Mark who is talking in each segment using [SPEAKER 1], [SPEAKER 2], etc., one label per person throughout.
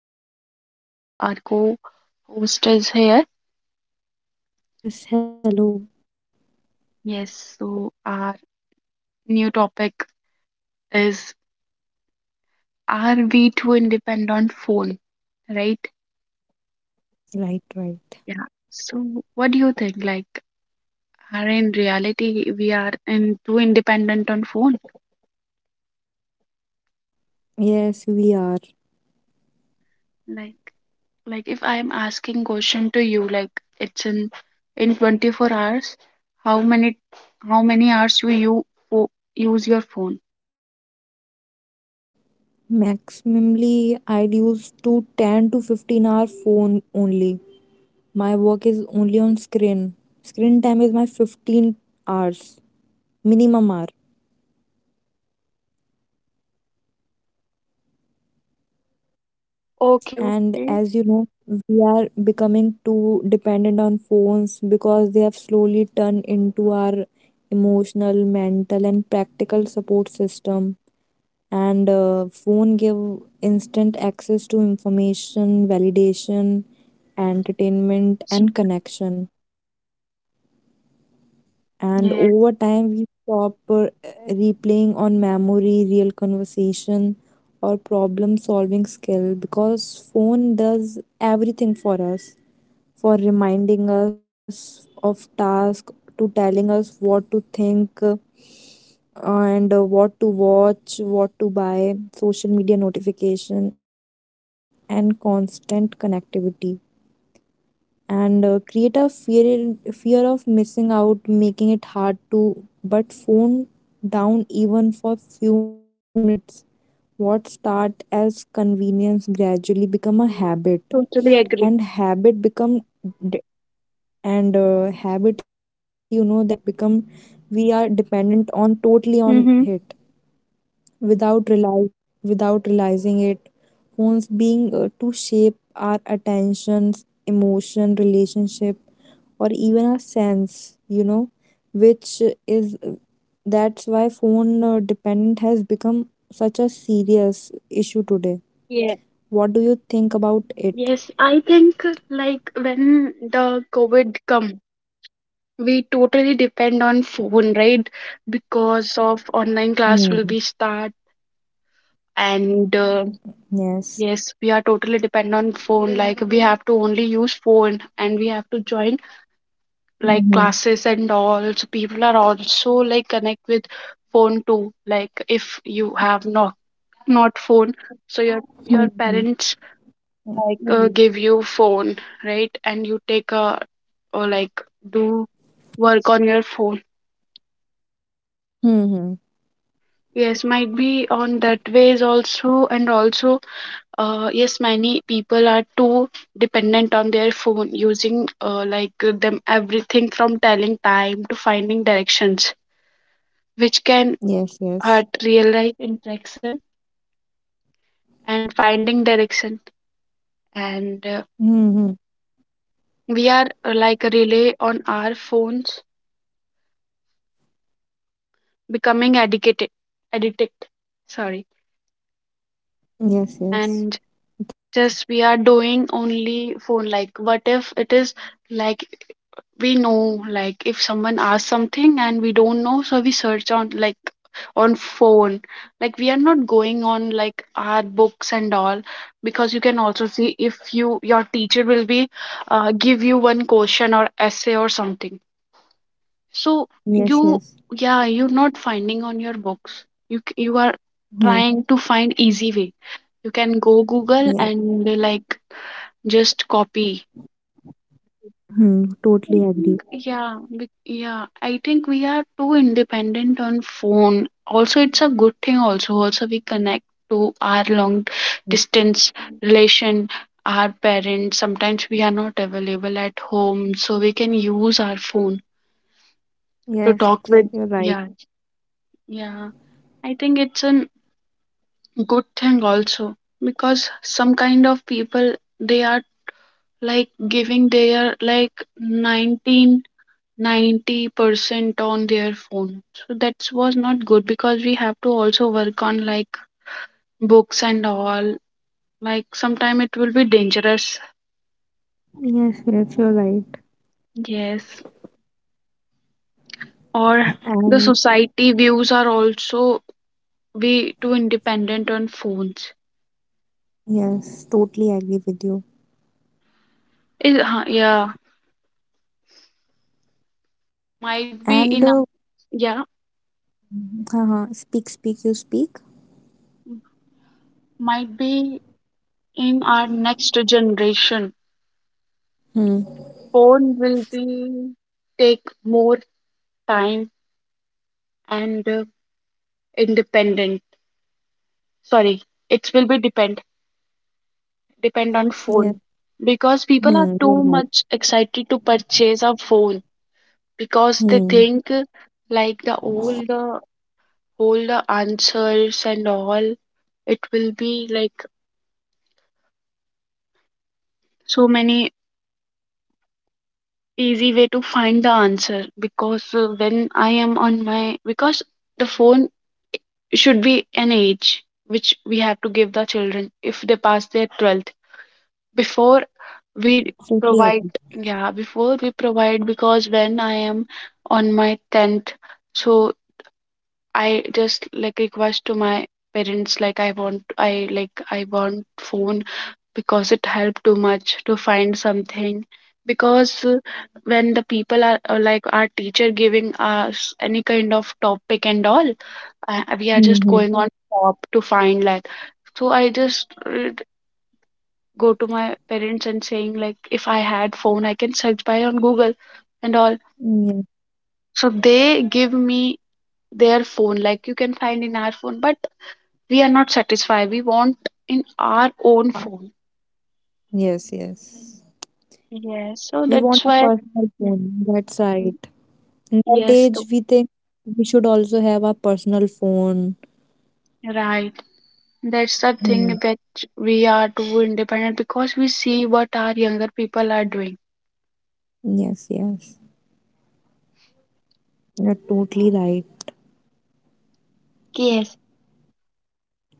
[SPEAKER 1] podcast. So, our co-host is here.
[SPEAKER 2] Yes, hello.
[SPEAKER 1] Yes, so our new topic is are we too independent on phone, right?
[SPEAKER 2] Right, right.
[SPEAKER 1] Yeah. So, what do you think? Like, are in reality we are in too independent on phone?
[SPEAKER 2] Yes, we are.
[SPEAKER 1] Like, like if I am asking question to you, like it's in 24 hours, how many how many hours you use your phone?
[SPEAKER 2] Maximally, I'd use to 10 to 15 hour phone only. My work is only on screen. Screen time is my 15 hours, minimum hour.
[SPEAKER 1] Okay,
[SPEAKER 2] And
[SPEAKER 1] okay.
[SPEAKER 2] as you know, we are becoming too dependent on phones because they have slowly turned into our emotional, mental, and practical support system and phone give instant access to information validation entertainment and connection. And
[SPEAKER 1] Yes,
[SPEAKER 2] over time we stop replaying on memory real conversation or problem solving skill because phone does everything for us, for reminding us of tasks, to telling us what to think and what to watch, what to buy, social media notification, and constant connectivity. And create a fear of missing out, making it hard to but phone down even for few minutes. What start as convenience gradually become a habit
[SPEAKER 1] totally
[SPEAKER 2] and
[SPEAKER 1] agree.
[SPEAKER 2] habit become and habit that become we are dependent on totally on
[SPEAKER 1] Mm-hmm.
[SPEAKER 2] it without realize without realizing it. Phones being to shape our attentions emotion relationship or even our sense which is that's why phone dependent has become such a serious issue today.
[SPEAKER 1] Yeah,
[SPEAKER 2] What do you think about it?
[SPEAKER 1] yes, I think like when the COVID come, we totally depend on phone,
[SPEAKER 2] Yes, yes.
[SPEAKER 1] right? Because of online class will be
[SPEAKER 2] Hmm.
[SPEAKER 1] start and
[SPEAKER 2] Yes.
[SPEAKER 1] yes, we are totally depend on phone. Like we have to only use phone and we have to join like
[SPEAKER 2] Mhm.
[SPEAKER 1] classes and all. So people are also like connect with phone too. Like if you have not phone, so your parents like
[SPEAKER 2] Mhm.
[SPEAKER 1] give you phone right and you take a or like do work on your phone
[SPEAKER 2] Mm-hmm.
[SPEAKER 1] yes might be on that ways also and also yes many people are too dependent on their phone using like them everything from telling time to finding directions which can
[SPEAKER 2] Yes,
[SPEAKER 1] hurt
[SPEAKER 2] yes.
[SPEAKER 1] real life interaction and finding direction and
[SPEAKER 2] Mm-hmm.
[SPEAKER 1] we are like a relay on our phones becoming addicted sorry
[SPEAKER 2] Yes,
[SPEAKER 1] and
[SPEAKER 2] yes. It's-
[SPEAKER 1] just we are doing only phone like what if it is like we know like if someone asks something and we don't know so we search on like on phone like we are not going on like our books and all because you can also see if you your teacher will be give you one question or essay or something so
[SPEAKER 2] Yes,
[SPEAKER 1] you,
[SPEAKER 2] yes.
[SPEAKER 1] yeah, you're not finding on your books. You are
[SPEAKER 2] Hmm.
[SPEAKER 1] trying to find easy way. You can go Google
[SPEAKER 2] Yes.
[SPEAKER 1] and like just copy.
[SPEAKER 2] Hmm.
[SPEAKER 1] I
[SPEAKER 2] Totally
[SPEAKER 1] think,
[SPEAKER 2] agree.
[SPEAKER 1] yeah. I think we are too independent on phone. Also, it's a good thing. Also, also we connect to our long
[SPEAKER 2] Yeah.
[SPEAKER 1] distance relation, our parents. Sometimes we are not available at home, so we can use our phone to
[SPEAKER 2] Yes,
[SPEAKER 1] talk with.
[SPEAKER 2] you're right.
[SPEAKER 1] Yeah, yeah. I think it's an good thing also because some kind of people they are like giving their like nineteen ninety percent on their phone so that was not good because we have to also work on like books and all like sometime it will be dangerous
[SPEAKER 2] Yes, yes, you're right.
[SPEAKER 1] yes or the
[SPEAKER 2] And
[SPEAKER 1] society views are also be too independent on phones
[SPEAKER 2] yes, totally agree with you.
[SPEAKER 1] Huh, yeah might be
[SPEAKER 2] And
[SPEAKER 1] in
[SPEAKER 2] uh,
[SPEAKER 1] yeah
[SPEAKER 2] speak, you speak.
[SPEAKER 1] might be in our next generation,
[SPEAKER 2] Hmm.
[SPEAKER 1] phone will be take more time and independent. Sorry, it will be depend on phone
[SPEAKER 2] Yes.
[SPEAKER 1] because people are
[SPEAKER 2] Hmm. You're
[SPEAKER 1] too
[SPEAKER 2] right.
[SPEAKER 1] much excited to purchase a phone because they
[SPEAKER 2] Hmm.
[SPEAKER 1] think like the old the all the answers and all it will be like so many easy way to find the answer because when I am on my because the phone should be an age which we have to give the children if they pass their 12th before we
[SPEAKER 2] Hmm. Totally
[SPEAKER 1] provide
[SPEAKER 2] agree.
[SPEAKER 1] yeah before we provide because when I am on my 10th so I just like request to my parents like I want I like I want phone because it helped too much to find something because when the people are like our teacher giving us any kind of topic and all we are just
[SPEAKER 2] Mm-hmm.
[SPEAKER 1] going on shop to find like so I just go to my parents and saying like if I had phone I can search by on Google and all
[SPEAKER 2] Yes.
[SPEAKER 1] so they give me their phone like you can find in our phone but we are not satisfied we want in our own phone
[SPEAKER 2] Yes, yes.
[SPEAKER 1] yes so
[SPEAKER 2] We
[SPEAKER 1] that's
[SPEAKER 2] want a
[SPEAKER 1] why
[SPEAKER 2] personal
[SPEAKER 1] mm,
[SPEAKER 2] phone. That's
[SPEAKER 1] mm,
[SPEAKER 2] right. In that
[SPEAKER 1] yes
[SPEAKER 2] age,
[SPEAKER 1] too.
[SPEAKER 2] we think we should also have our personal phone.
[SPEAKER 1] Right, that's the thing
[SPEAKER 2] Hmm.
[SPEAKER 1] that we are too independent because we see what our younger people are doing
[SPEAKER 2] Yes, yes. You're totally right.
[SPEAKER 1] yes,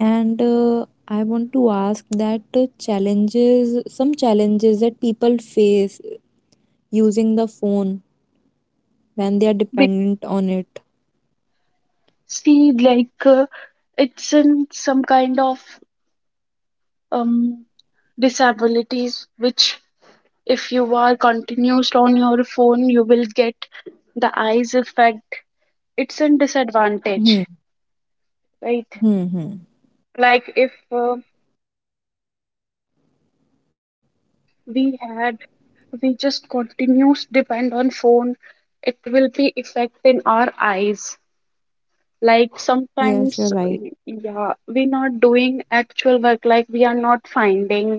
[SPEAKER 2] And I want to ask that challenges, some challenges that people face using the phone when they are dependent on it.
[SPEAKER 1] see, like it's in some kind of um, disabilities, which if you are continuous on your phone, you will get the eyes effect. It's a
[SPEAKER 2] Hmm.
[SPEAKER 1] disadvantage,
[SPEAKER 2] Hmm.
[SPEAKER 1] right?
[SPEAKER 2] Hmm.
[SPEAKER 1] Like if we had we just continuous depend on phone, it will be effect in our eyes. Like
[SPEAKER 2] Yes, you're right.
[SPEAKER 1] sometimes yeah we're not doing actual work like we are not finding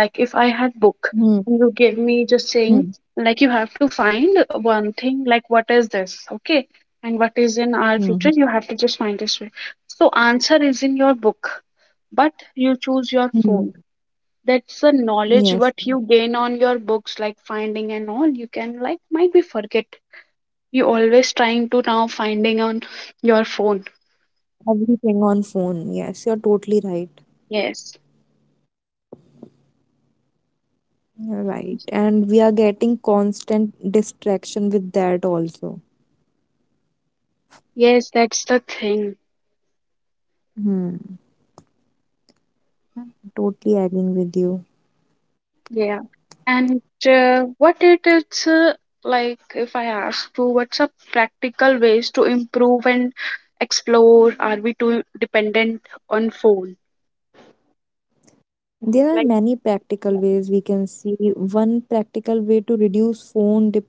[SPEAKER 1] like if I had book
[SPEAKER 2] Hmm.
[SPEAKER 1] and you give me just
[SPEAKER 2] Hmm.
[SPEAKER 1] saying like you have to find one thing like what is this okay and what is in our
[SPEAKER 2] Hmm. Hmm.
[SPEAKER 1] future you have to just find this way so answer is in your book but you choose your
[SPEAKER 2] Hmm.
[SPEAKER 1] phone that's the knowledge
[SPEAKER 2] Yes.
[SPEAKER 1] what you gain on your books like finding and all you can like might be forget you always trying to now finding on your phone
[SPEAKER 2] Everything on phone. Yes, you're totally right.
[SPEAKER 1] yes,
[SPEAKER 2] Right. And we are getting constant distraction with that also.
[SPEAKER 1] yes, that's the thing.
[SPEAKER 2] Hmm. Totally agreeing with you.
[SPEAKER 1] Yeah. And what it is like, if I ask to, what's a practical ways to improve and explore? Are we too dependent on phone?
[SPEAKER 2] There are
[SPEAKER 1] Like,
[SPEAKER 2] many practical
[SPEAKER 1] yeah.
[SPEAKER 2] ways we can see. One practical way to reduce phone dip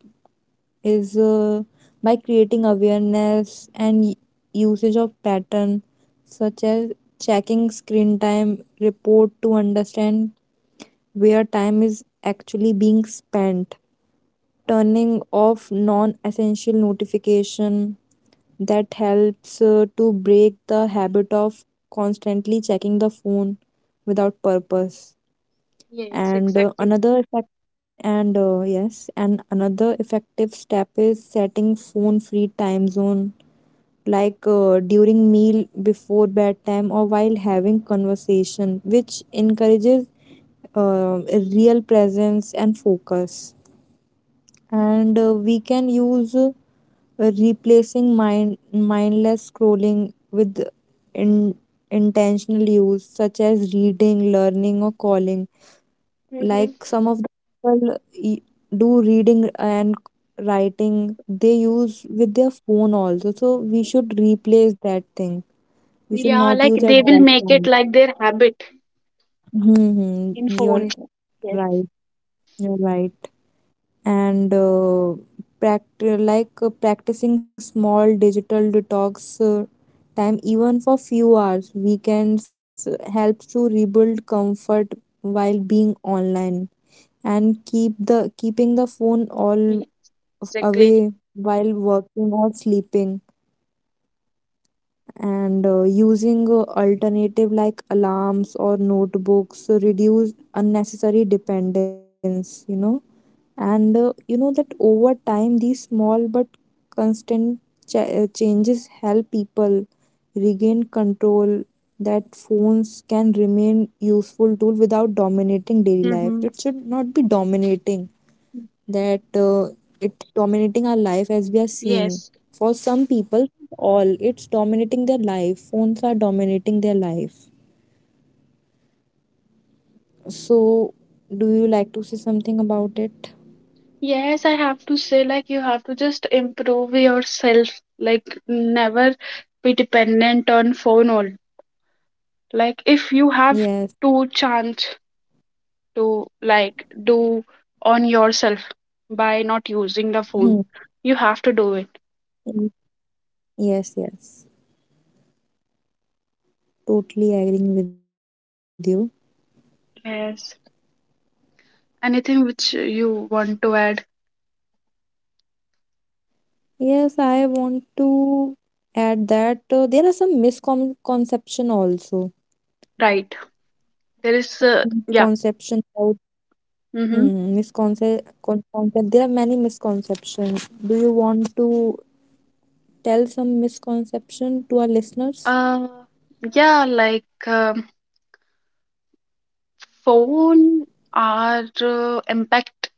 [SPEAKER 2] is by creating awareness and usage of pattern such as checking screen time report to understand where time is actually being spent, turning off non-essential notification that helps to break the habit of constantly checking the phone without purpose.
[SPEAKER 1] Yes,
[SPEAKER 2] and uh,
[SPEAKER 1] exactly.
[SPEAKER 2] another effect and uh, yes, and another effective step is setting phone free time zone, like during meal before bedtime or while having conversation, which encourages uh, real presence and focus. And we can use replacing mindless scrolling with in, intentional use such as reading learning or calling, like
[SPEAKER 1] Hmm.
[SPEAKER 2] some of the people do reading and writing they use with their phone also, so we should replace that thing. We should
[SPEAKER 1] Yeah,
[SPEAKER 2] not
[SPEAKER 1] like
[SPEAKER 2] use at
[SPEAKER 1] they will
[SPEAKER 2] that
[SPEAKER 1] make it
[SPEAKER 2] time.
[SPEAKER 1] like their habit
[SPEAKER 2] Hmm,
[SPEAKER 1] in phone.
[SPEAKER 2] you're right. You're right. And uh, pract- like uh, practicing small digital detox time even for few hours weekends helps to rebuild comfort while being online and keeping the phone
[SPEAKER 1] Yes, exactly.
[SPEAKER 2] away while working or sleeping. And using alternative like alarms or notebooks reduce unnecessary dependence. And that over time these small but constant changes help people regain control, that phones can remain useful tool without dominating daily life.
[SPEAKER 1] Mm-hmm.
[SPEAKER 2] It should not be dominating, that it's dominating our life as we are seeing.
[SPEAKER 1] Yes.
[SPEAKER 2] For some people all it's dominating their life, phones are dominating their life. So, do you like to say something about it?
[SPEAKER 1] Yes, I have to say, like, you have to just improve yourself, like, never be dependent on phone all. Like, if you have
[SPEAKER 2] Yes.
[SPEAKER 1] two chance to, like, do on yourself by not using the phone,
[SPEAKER 2] Hmm.
[SPEAKER 1] you have to do it.
[SPEAKER 2] Yes, yes. Totally agreeing with you.
[SPEAKER 1] Yes. Anything which you want to add,
[SPEAKER 2] Yes, I want to add that there are some misconception also.
[SPEAKER 1] right? There is, yeah.
[SPEAKER 2] Conception about
[SPEAKER 1] Mm-hmm.
[SPEAKER 2] hmm, misconception. Concept. There are many misconceptions. Do you want to tell some misconception to our listeners?
[SPEAKER 1] Uh, yeah, like, phone are impact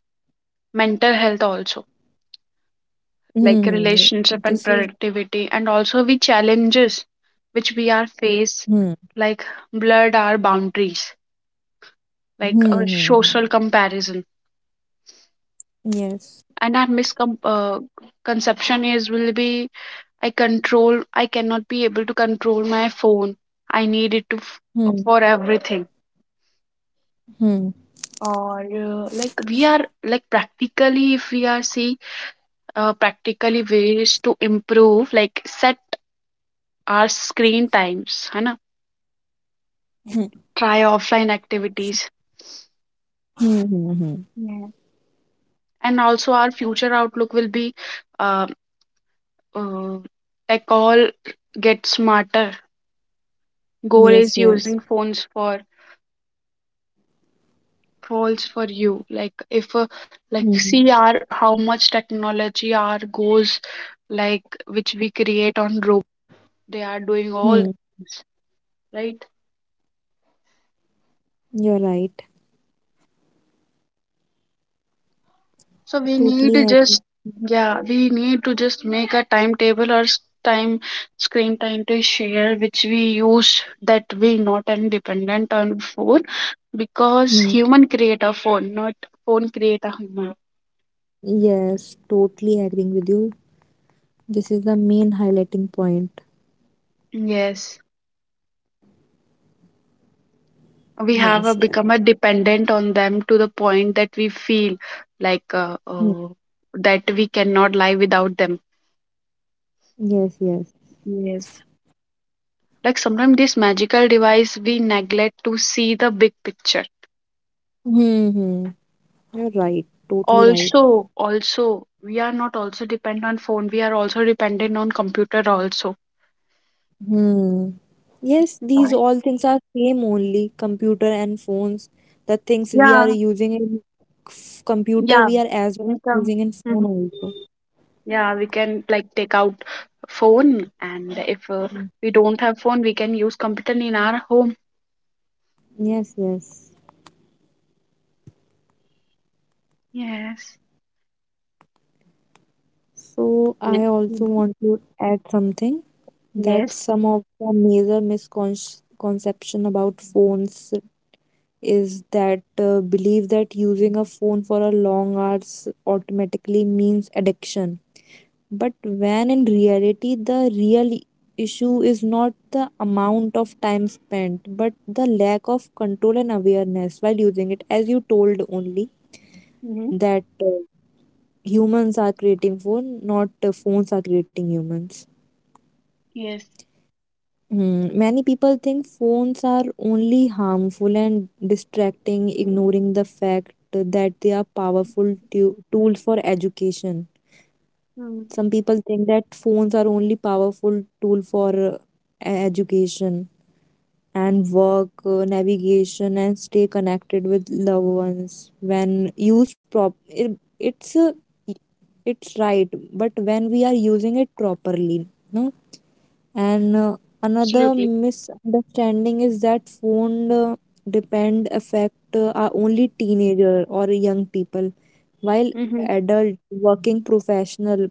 [SPEAKER 1] mental health also like
[SPEAKER 2] Hmm.
[SPEAKER 1] relationship and
[SPEAKER 2] This is
[SPEAKER 1] productivity and also we challenges which we are face
[SPEAKER 2] hmm.
[SPEAKER 1] like blurred our boundaries
[SPEAKER 2] Hmm.
[SPEAKER 1] like a
[SPEAKER 2] Hmm, hmm.
[SPEAKER 1] social comparison
[SPEAKER 2] Yes.
[SPEAKER 1] and our misconception conception is will be I cannot be able to control my phone I need
[SPEAKER 2] Hmm.
[SPEAKER 1] for everything
[SPEAKER 2] Hmm.
[SPEAKER 1] or like we are like practically if we are see practically ways to improve like set our screen times है ना
[SPEAKER 2] Hmm.
[SPEAKER 1] try offline activities.
[SPEAKER 2] Hmm. Hmm, hmm. Hmm.
[SPEAKER 1] Yeah. And also our future outlook will be uh, uh, like all get smarter goal
[SPEAKER 2] Yes.
[SPEAKER 1] is
[SPEAKER 2] Yes.
[SPEAKER 1] using phones for you like if like
[SPEAKER 2] Hmm.
[SPEAKER 1] see our how much technology our goals like which we create on road they are doing all
[SPEAKER 2] Hmm.
[SPEAKER 1] things right.
[SPEAKER 2] You're right.
[SPEAKER 1] So we need to
[SPEAKER 2] Totally
[SPEAKER 1] just
[SPEAKER 2] agree.
[SPEAKER 1] yeah, we need to just make a timetable or s- time screen time to share which we use that we not and dependent on phone because
[SPEAKER 2] Hmm.
[SPEAKER 1] human create a phone, not phone create a human.
[SPEAKER 2] Yes, totally agreeing with you. This is the main highlighting point.
[SPEAKER 1] Yes. We have a,
[SPEAKER 2] Yes, yes.
[SPEAKER 1] become a dependent on them to the point that we feel like
[SPEAKER 2] Mm.
[SPEAKER 1] that we cannot live without them.
[SPEAKER 2] Yes, yes.
[SPEAKER 1] Yes. Like sometimes this magical device we neglect to see the big picture
[SPEAKER 2] Hmm. You're right. Totally right.
[SPEAKER 1] also, also we are not also dependent on phone we are also dependent on computer also.
[SPEAKER 2] Hmm. Yes, these
[SPEAKER 1] Right.
[SPEAKER 2] all things are same only computer and phones. The things we are
[SPEAKER 1] Yeah
[SPEAKER 2] using in computer,
[SPEAKER 1] yeah
[SPEAKER 2] we are as well
[SPEAKER 1] income.
[SPEAKER 2] using in
[SPEAKER 1] Mhm.
[SPEAKER 2] phone also.
[SPEAKER 1] Yeah we can like take out phone and if
[SPEAKER 2] Mm.
[SPEAKER 1] we don't have phone we can use computer in our home
[SPEAKER 2] Yes, yes.
[SPEAKER 1] yes
[SPEAKER 2] So I
[SPEAKER 1] Ye-
[SPEAKER 2] also
[SPEAKER 1] Mhm.
[SPEAKER 2] want to add something, that
[SPEAKER 1] Yes.
[SPEAKER 2] some of the major misconception about phones is that belief that using a phone for a long hours automatically means addiction, but when in reality the real issue is not the amount of time spent but the lack of control and awareness while using it, as you told only
[SPEAKER 1] Hmm
[SPEAKER 2] that humans are creating phone, not phones are creating humans.
[SPEAKER 1] yes.
[SPEAKER 2] Hmm. Many people think phones are only harmful and distracting, ignoring the fact that they are powerful tools for education.
[SPEAKER 1] Mm.
[SPEAKER 2] Some people think that phones are only powerful tool for education and work, navigation, and stay connected with loved ones. When used it's right, but when we are using it properly, no. And another
[SPEAKER 1] Absolutely.
[SPEAKER 2] misunderstanding is that phone depend affect are only teenager or young people, while
[SPEAKER 1] Hmm
[SPEAKER 2] adult working professional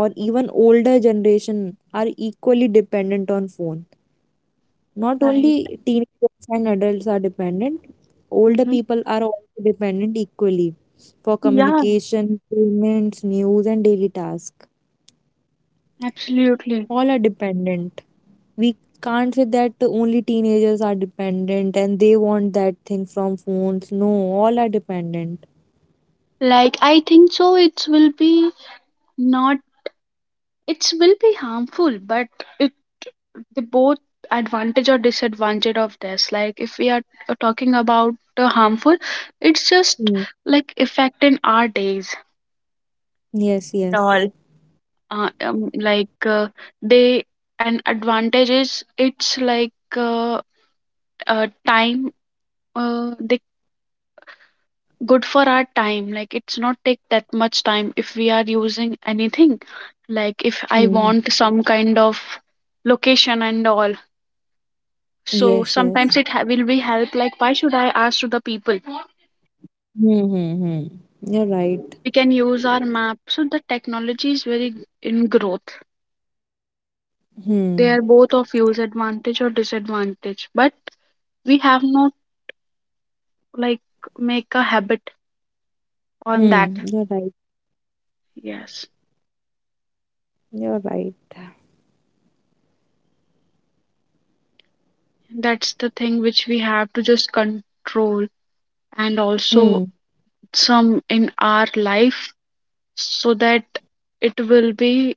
[SPEAKER 2] or even older generation are equally dependent on phone. Not
[SPEAKER 1] right.
[SPEAKER 2] only teenagers and adults are dependent, older
[SPEAKER 1] Hmm
[SPEAKER 2] people are also dependent equally for
[SPEAKER 1] yeah
[SPEAKER 2] communication payments news and daily tasks.
[SPEAKER 1] absolutely.
[SPEAKER 2] All are dependent. We can't say that only teenagers are dependent and they want that thing from phones, no, all are dependent.
[SPEAKER 1] Like, I think so. It will be not it will be harmful but it the both advantage or disadvantage of this like if we are talking about the harmful it's just
[SPEAKER 2] Hmm.
[SPEAKER 1] like affecting our days
[SPEAKER 2] Yes,
[SPEAKER 1] at
[SPEAKER 2] yes.
[SPEAKER 1] all. Like they an advantage is it's like time they good for our time like it's not take that much time if we are using anything like if I
[SPEAKER 2] Hmm.
[SPEAKER 1] want some kind of location and all so
[SPEAKER 2] Yes, yes.
[SPEAKER 1] sometimes it will be help like why should I ask to the people
[SPEAKER 2] Hmm. Hmm. hmm. You're right.
[SPEAKER 1] we can use our map so the technology is very in growth they
[SPEAKER 2] Hmm.
[SPEAKER 1] are both of use advantage or disadvantage but we have not like make a habit on that
[SPEAKER 2] Hmm. You're right.
[SPEAKER 1] yes
[SPEAKER 2] You're right.
[SPEAKER 1] that's the thing which we have to just control and also
[SPEAKER 2] Hmm.
[SPEAKER 1] some in our life so that it will be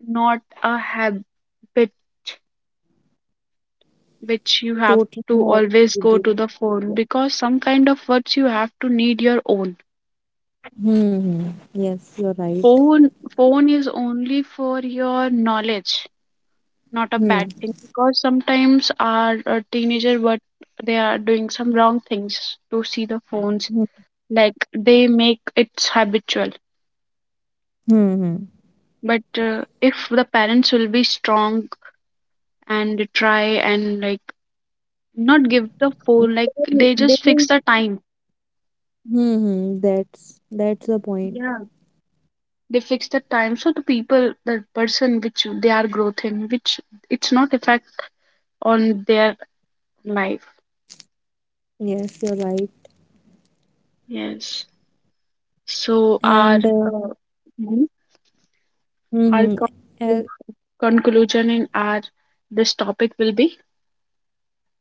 [SPEAKER 1] not a habit which you have
[SPEAKER 2] Totally
[SPEAKER 1] to
[SPEAKER 2] agree
[SPEAKER 1] always
[SPEAKER 2] with
[SPEAKER 1] go to
[SPEAKER 2] you.
[SPEAKER 1] the phone because some kind of words you have to need your own
[SPEAKER 2] Hmm. Hmm. Yes, you're right.
[SPEAKER 1] phone phone is only for your knowledge not a bad
[SPEAKER 2] Hmm.
[SPEAKER 1] thing because sometimes our teenager what they are doing some wrong things to see the phones
[SPEAKER 2] Hmm.
[SPEAKER 1] like they make it habitual
[SPEAKER 2] Hmm. Hmm.
[SPEAKER 1] but if the parents will be strong and try and like not give the
[SPEAKER 2] They
[SPEAKER 1] phone like they
[SPEAKER 2] they
[SPEAKER 1] just
[SPEAKER 2] will-
[SPEAKER 1] fix the time
[SPEAKER 2] hmm. Hmm. That's the point.
[SPEAKER 1] yeah they fix the time so the people the person which they are growth in which it's not effect on their life
[SPEAKER 2] Yes, you're right.
[SPEAKER 1] yes so our
[SPEAKER 2] And
[SPEAKER 1] uh, mhm, our
[SPEAKER 2] hmm.
[SPEAKER 1] conclusion in our this topic will be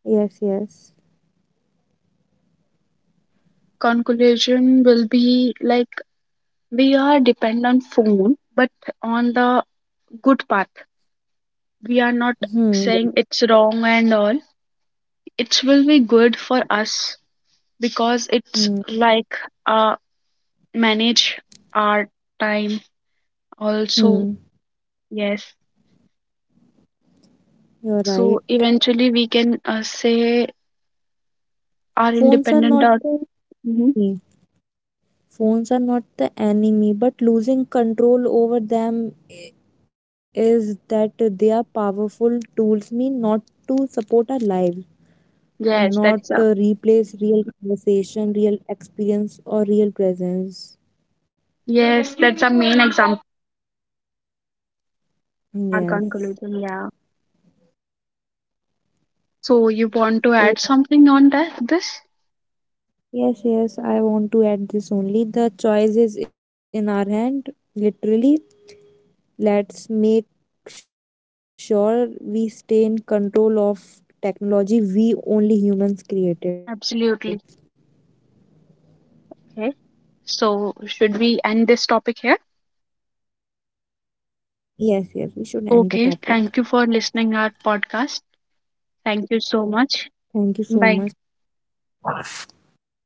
[SPEAKER 2] Yes, yes.
[SPEAKER 1] conclusion will be like we are depend on phone but on the good path we are not
[SPEAKER 2] Hmm. Yeah.
[SPEAKER 1] saying it's wrong and all it will be good for us because it's
[SPEAKER 2] Hmm.
[SPEAKER 1] like a manage our time also
[SPEAKER 2] Hmm.
[SPEAKER 1] yes
[SPEAKER 2] You're right.
[SPEAKER 1] so eventually we can say our
[SPEAKER 2] Phones are
[SPEAKER 1] independent
[SPEAKER 2] not
[SPEAKER 1] or
[SPEAKER 2] the
[SPEAKER 1] Mhm.
[SPEAKER 2] enemy. Phones are not the enemy, but losing control over them is that they are powerful tools mean not to support our lives, not
[SPEAKER 1] Yes that's a
[SPEAKER 2] replace real conversation, real experience, or real presence.
[SPEAKER 1] yes that's a main example of our
[SPEAKER 2] Yes.
[SPEAKER 1] conclusion yeah so you want to
[SPEAKER 2] So
[SPEAKER 1] add something on that this
[SPEAKER 2] yes, yes, I want to add this only. The choice is in our hand, literally. Let's make sure we stay in control of technology we only humans created.
[SPEAKER 1] absolutely. Okay, so should we end this topic here
[SPEAKER 2] Yes, yes, we should end the topic.
[SPEAKER 1] okay thank you for listening our podcast thank you
[SPEAKER 2] Thank you
[SPEAKER 1] so
[SPEAKER 2] so
[SPEAKER 1] much
[SPEAKER 2] much.
[SPEAKER 1] bye.
[SPEAKER 2] Bye bye.